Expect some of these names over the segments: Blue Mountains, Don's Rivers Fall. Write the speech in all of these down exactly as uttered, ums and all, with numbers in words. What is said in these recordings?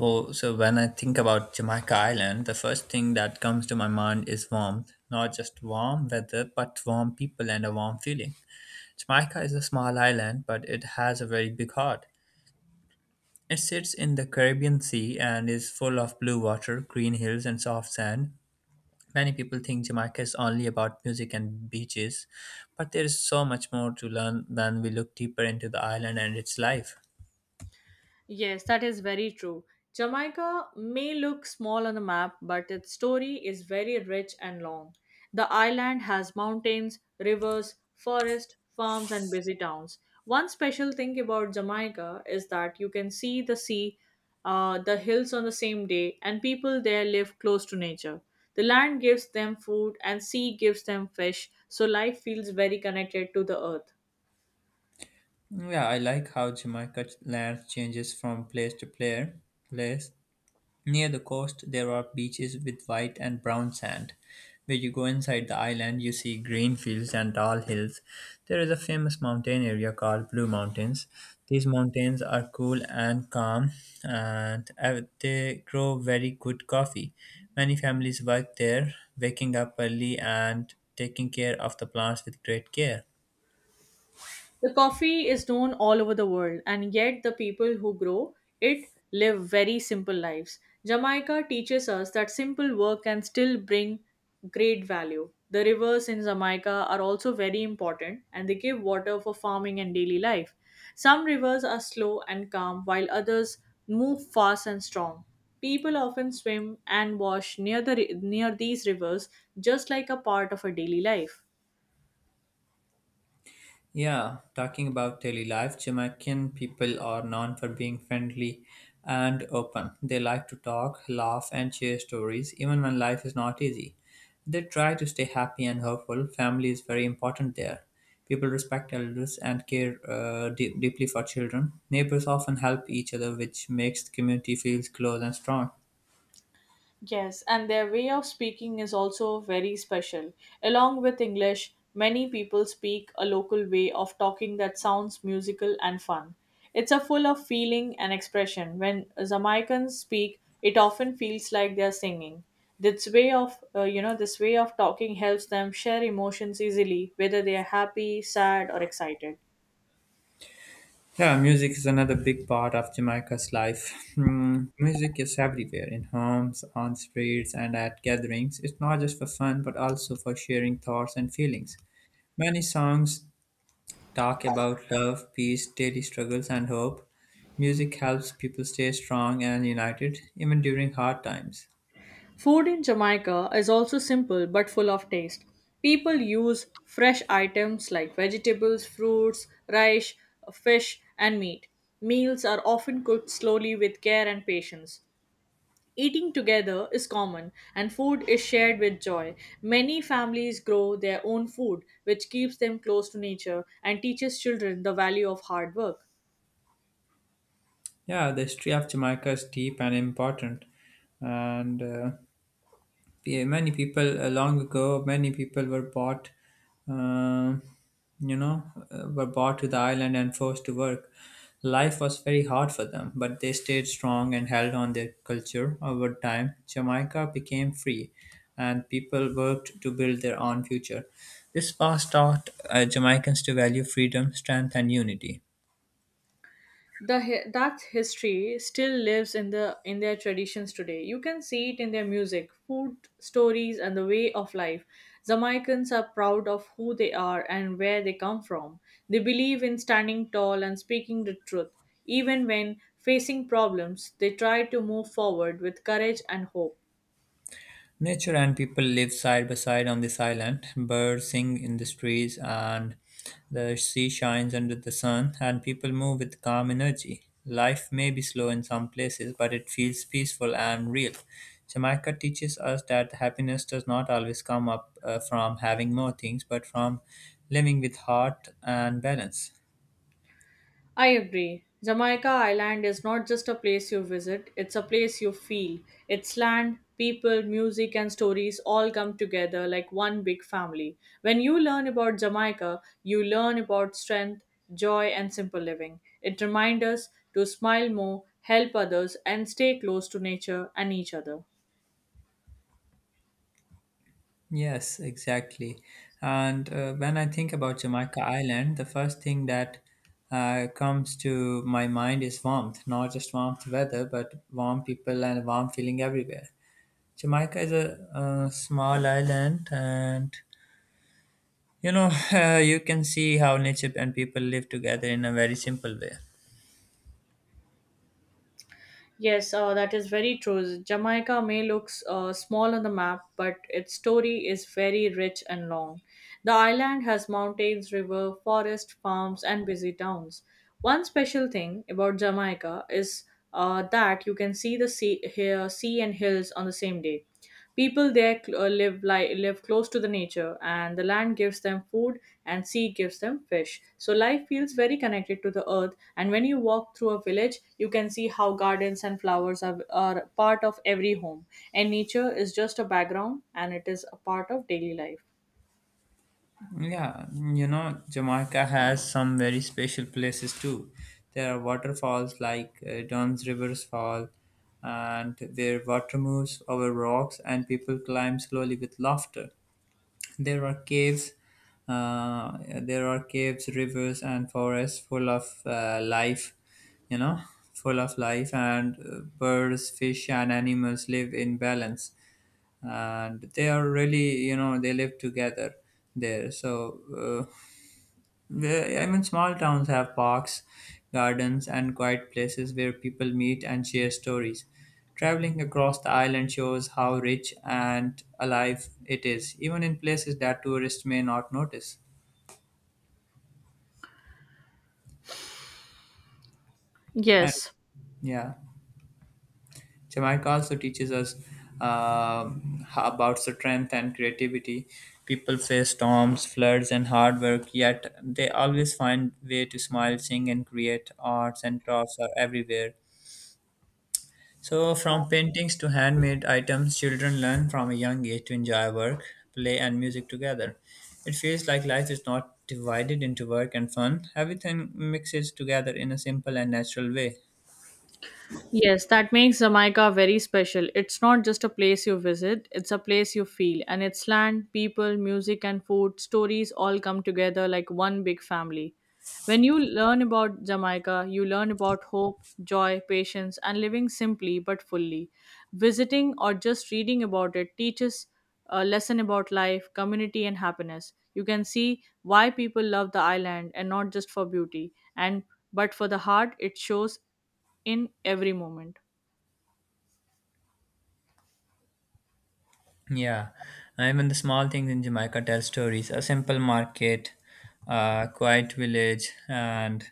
Wo so when I think about Jamaica Island, the first thing that comes to my mind is warmth. Not just warm weather, but warm people and a warm feeling. Jamaica is a small island, but it has a very big heart. It sits in the Caribbean Sea and is full of blue water, green hills, and soft sand. Many people think Jamaica is only about music and beaches, but there is so much more to learn when we look deeper into the island and its life. Yes, that is very true. Jamaica may look small on the map, but its story is very rich and long. The island has mountains, rivers, forests, farms, and busy towns. One special thing about Jamaica is that you can see the sea, uh, the hills on the same day, and people there live close to nature. The land gives them food, and sea gives them fish, so life feels very connected to the earth. Yeah, I like how Jamaica's land changes from place to player, place. Near the coast, there are beaches with white and brown sand. Where you go inside the island, you see green fields and tall hills. There is a famous mountain area called Blue Mountains. These mountains are cool and calm, and uh, they grow very good coffee. Many families work there, waking up early and taking care of the plants with great care. The coffee is known all over the world, and yet the people who grow it live very simple lives. Jamaica teaches us that simple work can still bring great value. The rivers in Jamaica are also very important and they give water for farming and daily life. Some rivers are slow and calm, while others move fast and strong. People often swim and wash near, the, near these rivers just like a part of a daily life. Yeah, talking about daily life, Jamaican people are known for being friendly and open. They like to talk, laugh, and share stories, even when life is not easy. They try to stay happy and hopeful. Family is very important there. People respect elders and care uh, deep deeply for children. Neighbors often help each other, which makes the community feel close and strong. Yes, and their way of speaking is also very special. Along with English, many people speak a local way of talking that sounds musical and fun. It's a full of feeling and expression. When Jamaicans speak, it often feels like they're singing. This way of, uh, you know, this way of talking helps them share emotions easily, whether they are happy, sad, or excited. Yeah, music is another big part of Jamaica's life. Hmm, music is everywhere in homes, on streets, and at gatherings. It's not just for fun, but also for sharing thoughts and feelings. Many songs talk about love, peace, daily struggles, and hope. Music helps people stay strong and united, even during hard times. Food in Jamaica is also simple but full of taste. People use fresh items like vegetables, fruits, rice, fish, and meat. Meals are often cooked slowly with care and patience. Eating together is common and food is shared with joy. Many families grow their own food, which keeps them close to nature and teaches children the value of hard work. Yeah, the history of Jamaica is deep and important and uh, yeah, many people uh, long ago many people were bought um you know, uh, were brought to the island and forced to work. Life was very hard for them, but they stayed strong and held on their culture. Over time, Jamaica became free, and people worked to build their own future. This past taught uh, Jamaicans to value freedom, strength, and unity. the hi- that history still lives in the in their traditions today. You can see it in their music, food, stories, and the way of life. Jamaicans are proud of who they are and where they come from. They believe in standing tall and speaking the truth. Even when facing problems, they try to move forward with courage and hope. Nature and people live side by side on this island. Birds sing in the trees, and the sea shines under the sun, and people move with calm energy. Life may be slow in some places, but it feels peaceful and real. Jamaica teaches us that happiness does not always come up uh, from having more things, but from living with heart and balance. I agree. Jamaica Island is not just a place you visit, it's a place you feel. Its land, people, music, and stories all come together like one big family. When you learn about Jamaica, you learn about strength, joy, and simple living. It reminds us to smile more, help others, and stay close to nature and each other. Yes, exactly. And uh, When I think about Jamaica Island, the first thing that uh, comes to my mind is warmth, not just warmth weather, but warm people and warm feeling everywhere. Jamaica is a, uh small island, and you know, uh, you can see how nature and people live together in a very simple way. Yes, uh, that is very true. Jamaica may look uh, small on the map, but its story is very rich and long. The island has mountains, river, forest, farms, and busy towns. One special thing about Jamaica is uh, that you can see the sea, here, sea and hills on the same day. People there cl- uh, live li- live close to the nature, and the land gives them food, and sea gives them fish. So life feels very connected to the earth. And when you walk through a village, you can see how gardens and flowers are, are part of every home, and nature is just a background, and it is a part of daily life. Yeah, you know, Jamaica has some very special places too. There are waterfalls like uh, Don's Rivers Fall, and where water moves over rocks and people climb slowly with laughter. There are caves, uh, there are caves, rivers, and forests full of uh, life, you know, full of life, and uh, birds, fish, and animals live in balance. And they are really, you know, they live together there. So uh, the- Even small towns have parks, gardens, and quiet places where people meet and share stories. Traveling across the island shows how rich and alive it is, even in places that tourists may not notice. And Yes. yeah, Jamaica also teaches us um, h- about strength and creativity. People face storms, floods, and hard work, yet they always find way to smile, sing, and create. Arts and crafts are everywhere. So, from paintings to handmade items, children learn from a young age to enjoy work, play, and music together. It feels like life is not divided into work and fun, everything mixes together in a simple and natural way. Yes, that makes Jamaica very special. It's not just a place you visit, it's a place you feel. And its land, people, music, and food, stories all come together like one big family. When you learn about Jamaica, you learn about hope, joy, patience, and living simply but fully. Visiting or just reading about it teaches a lesson about life, community, and happiness. You can see why people love the island and not just for beauty, and but for the heart it shows in every moment. Yeah, and even the small things in Jamaica tell stories. A simple market, a quiet village, and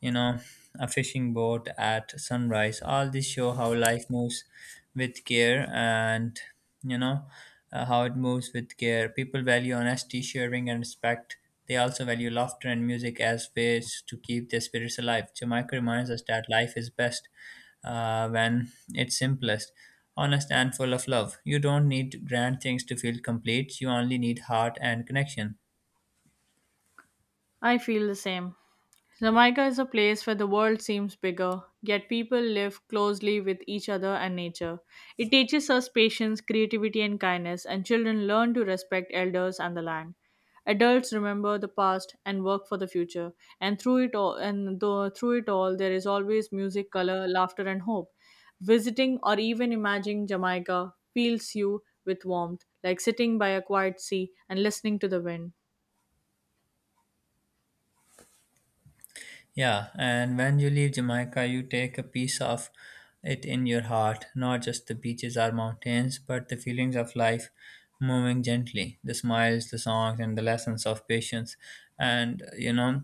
you know, a fishing boat at sunrise. All this show how life moves with care and, you know, uh, how it moves with care. People value honesty, sharing, and respect. They also value laughter and music as ways to keep their spirits alive. Jamaica reminds us that life is best uh, when it's simplest, honest, and full of love. You don't need grand things to feel complete, you only need heart and connection. I feel the same. Jamaica is a place where the world seems bigger, yet people live closely with each other and nature. It teaches us patience, creativity, and kindness, and children learn to respect elders and the land. Adults remember the past and work for the future, and through it all, and though, through it all, there is always music, color, laughter, and hope. Visiting or even imagining Jamaica fills you with warmth, like sitting by a quiet sea and listening to the wind. Yeah, and when you leave Jamaica, you take a piece of it in your heart, not just the beaches or mountains, but the feelings of life moving gently, the smiles, the songs, and the lessons of patience. And you know,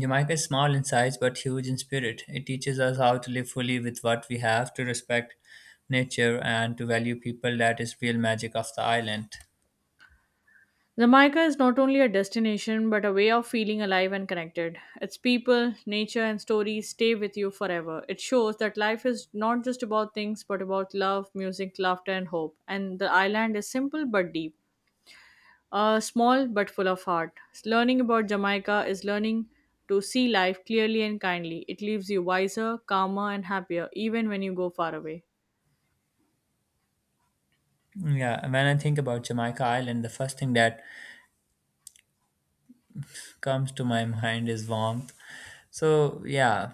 Jamaica is small in size but huge in spirit. It teaches us how to live fully with what we have, to respect nature, and to value people. That is real magic of the island. Jamaica is not only a destination but a way of feeling alive and connected. Its people, nature, and stories stay with you forever. It shows that life is not just about things but about love, music, laughter, and hope. And the island is simple but deep, uh, small but full of heart. Learning about Jamaica is learning to see life clearly and kindly. It leaves you wiser, calmer, and happier even when you go far away. Yeah, when I think about Jamaica Island, the first thing that comes to my mind is warmth. So yeah,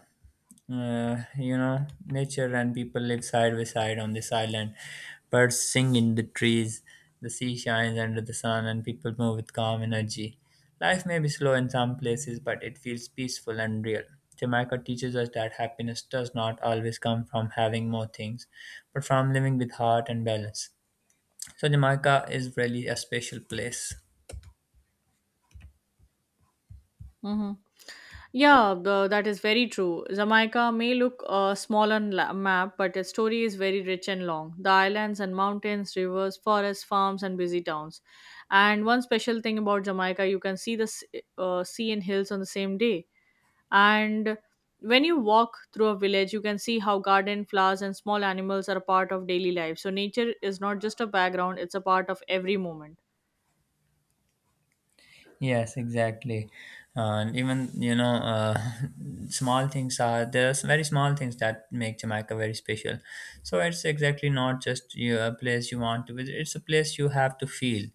uh, you know, nature and people live side by side on this island. Birds sing in the trees, the sea shines under the sun, and people move with calm energy. Life may be slow in some places, but it feels peaceful and real. Jamaica teaches us that happiness does not always come from having more things, but from living with heart and balance. So, Jamaica is really a special place. Mm-hmm. Yeah, the, that is very true. Jamaica may look uh, small on la- map, but its story is very rich and long. The islands and mountains, rivers, forests, farms, and busy towns. And one special thing about Jamaica, you can see the s- uh, sea and hills on the same day. And when you walk through a village, you can see how garden, flowers, and small animals are a part of daily life. So nature is not just a background; it's a part of every moment. Yes, exactly. And even, you know, uh, small things are there's very small things that make Jamaica very special. So it's exactly not just you, a place you want to visit, it's a place you have to feel.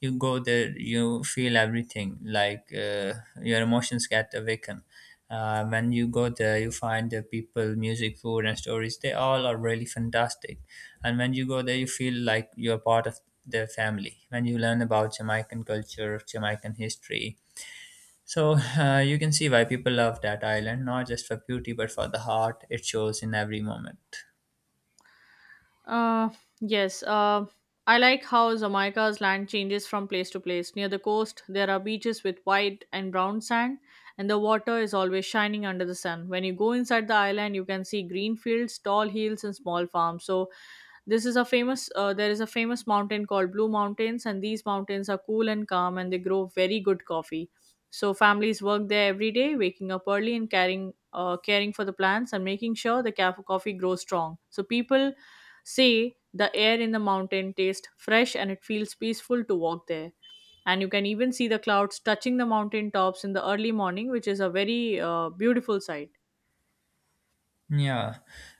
You go there, you feel everything, like uh, your emotions get awakened. Uh, when you go there, you find the people, music, food, and stories. They all are really fantastic. And when you go there, you feel like you're part of their family. When you learn about Jamaican culture, Jamaican history, so uh, you can see why people love that island, not just for beauty, but for the heart it shows in every moment. Uh, yes. Uh, I like how Jamaica's land changes from place to place. Near the coast, there are beaches with white and brown sand, and the water is always shining under the sun. When you go inside the island, you can see green fields, tall hills, and small farms. So, this is a famous. Uh, there is a famous mountain called Blue Mountains, and these mountains are cool and calm, and they grow very good coffee. So, families work there every day, waking up early and caring, uh, caring for the plants and making sure the ca- coffee grows strong. So, people see, the air in the mountain tastes fresh and it feels peaceful to walk there. And you can even see the clouds touching the mountain tops in the early morning, which is a very uh, beautiful sight. Yeah,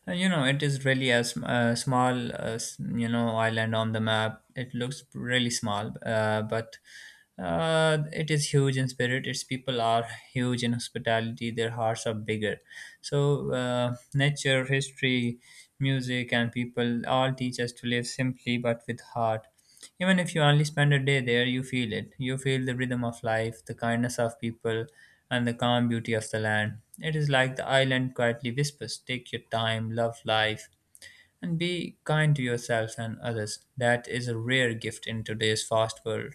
Uh, you know, it is really a, sm- a small, uh, s- you know, island on the map. It looks really small, uh, but uh, it is huge in spirit. Its people are huge in hospitality. Their hearts are bigger. So, uh, nature, history, music, and people all teach us to live simply but with heart. Even if you only spend a day there, you feel it. You feel the rhythm of life, the kindness of people, and the calm beauty of the land. It is like the island quietly whispers, take your time, love life, and be kind to yourself and others. That is a rare gift in today's fast world.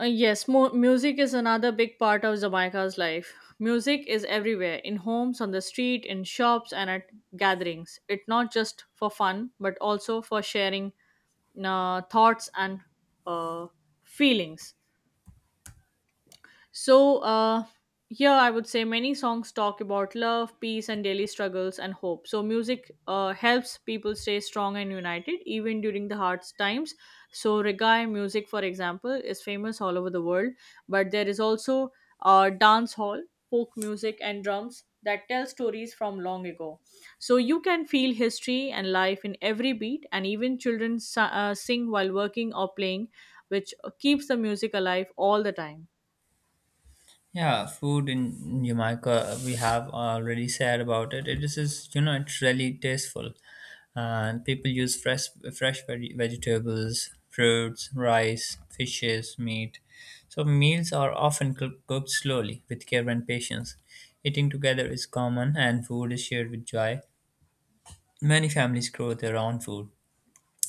Uh, yes, mu- music is another big part of Jamaica's life. Music is everywhere in homes, on the street, in shops, and at gatherings. It's not just for fun, but also for sharing uh, thoughts and uh, feelings. So, uh, yeah, I would say many songs talk about love, peace, and daily struggles and hope. So, music uh, helps people stay strong and united even during the hard times. So, reggae music, for example, is famous all over the world, but there is also uh, dance hall, folk music, and drums that tell stories from long ago. So, you can feel history and life in every beat, and even children si- uh, sing while working or playing, which keeps the music alive all the time. Yeah, food in Jamaica, we have already said about it. It is, just, you know, it's really tasteful. And people use fresh, fresh veg- vegetables, fruits, rice, fishes, meat. So meals are often cook- cooked slowly with care and patience. Eating together is common and food is shared with joy. Many families grow their own food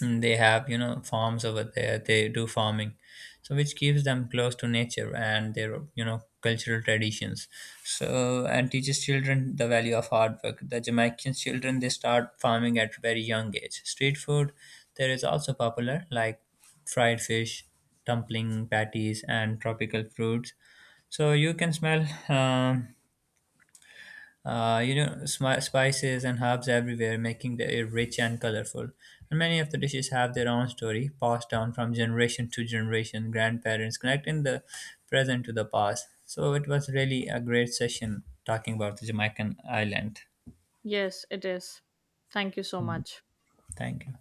and they have you know farms over there they do farming so which keeps them close to nature and their you know cultural traditions so and teaches children the value of hard work. The Jamaican children, they start farming at very young age. Street food there is also popular, like fried fish, dumpling patties, and tropical fruits. So you can smell um, uh, you know, smi- spices and herbs everywhere, making the air rich and colorful. And many of the dishes have their own story, passed down from generation to generation, grandparents connecting the present to the past. So it was really a great session talking about the Jamaican island. Yes, it is. Thank you so much. Thank you.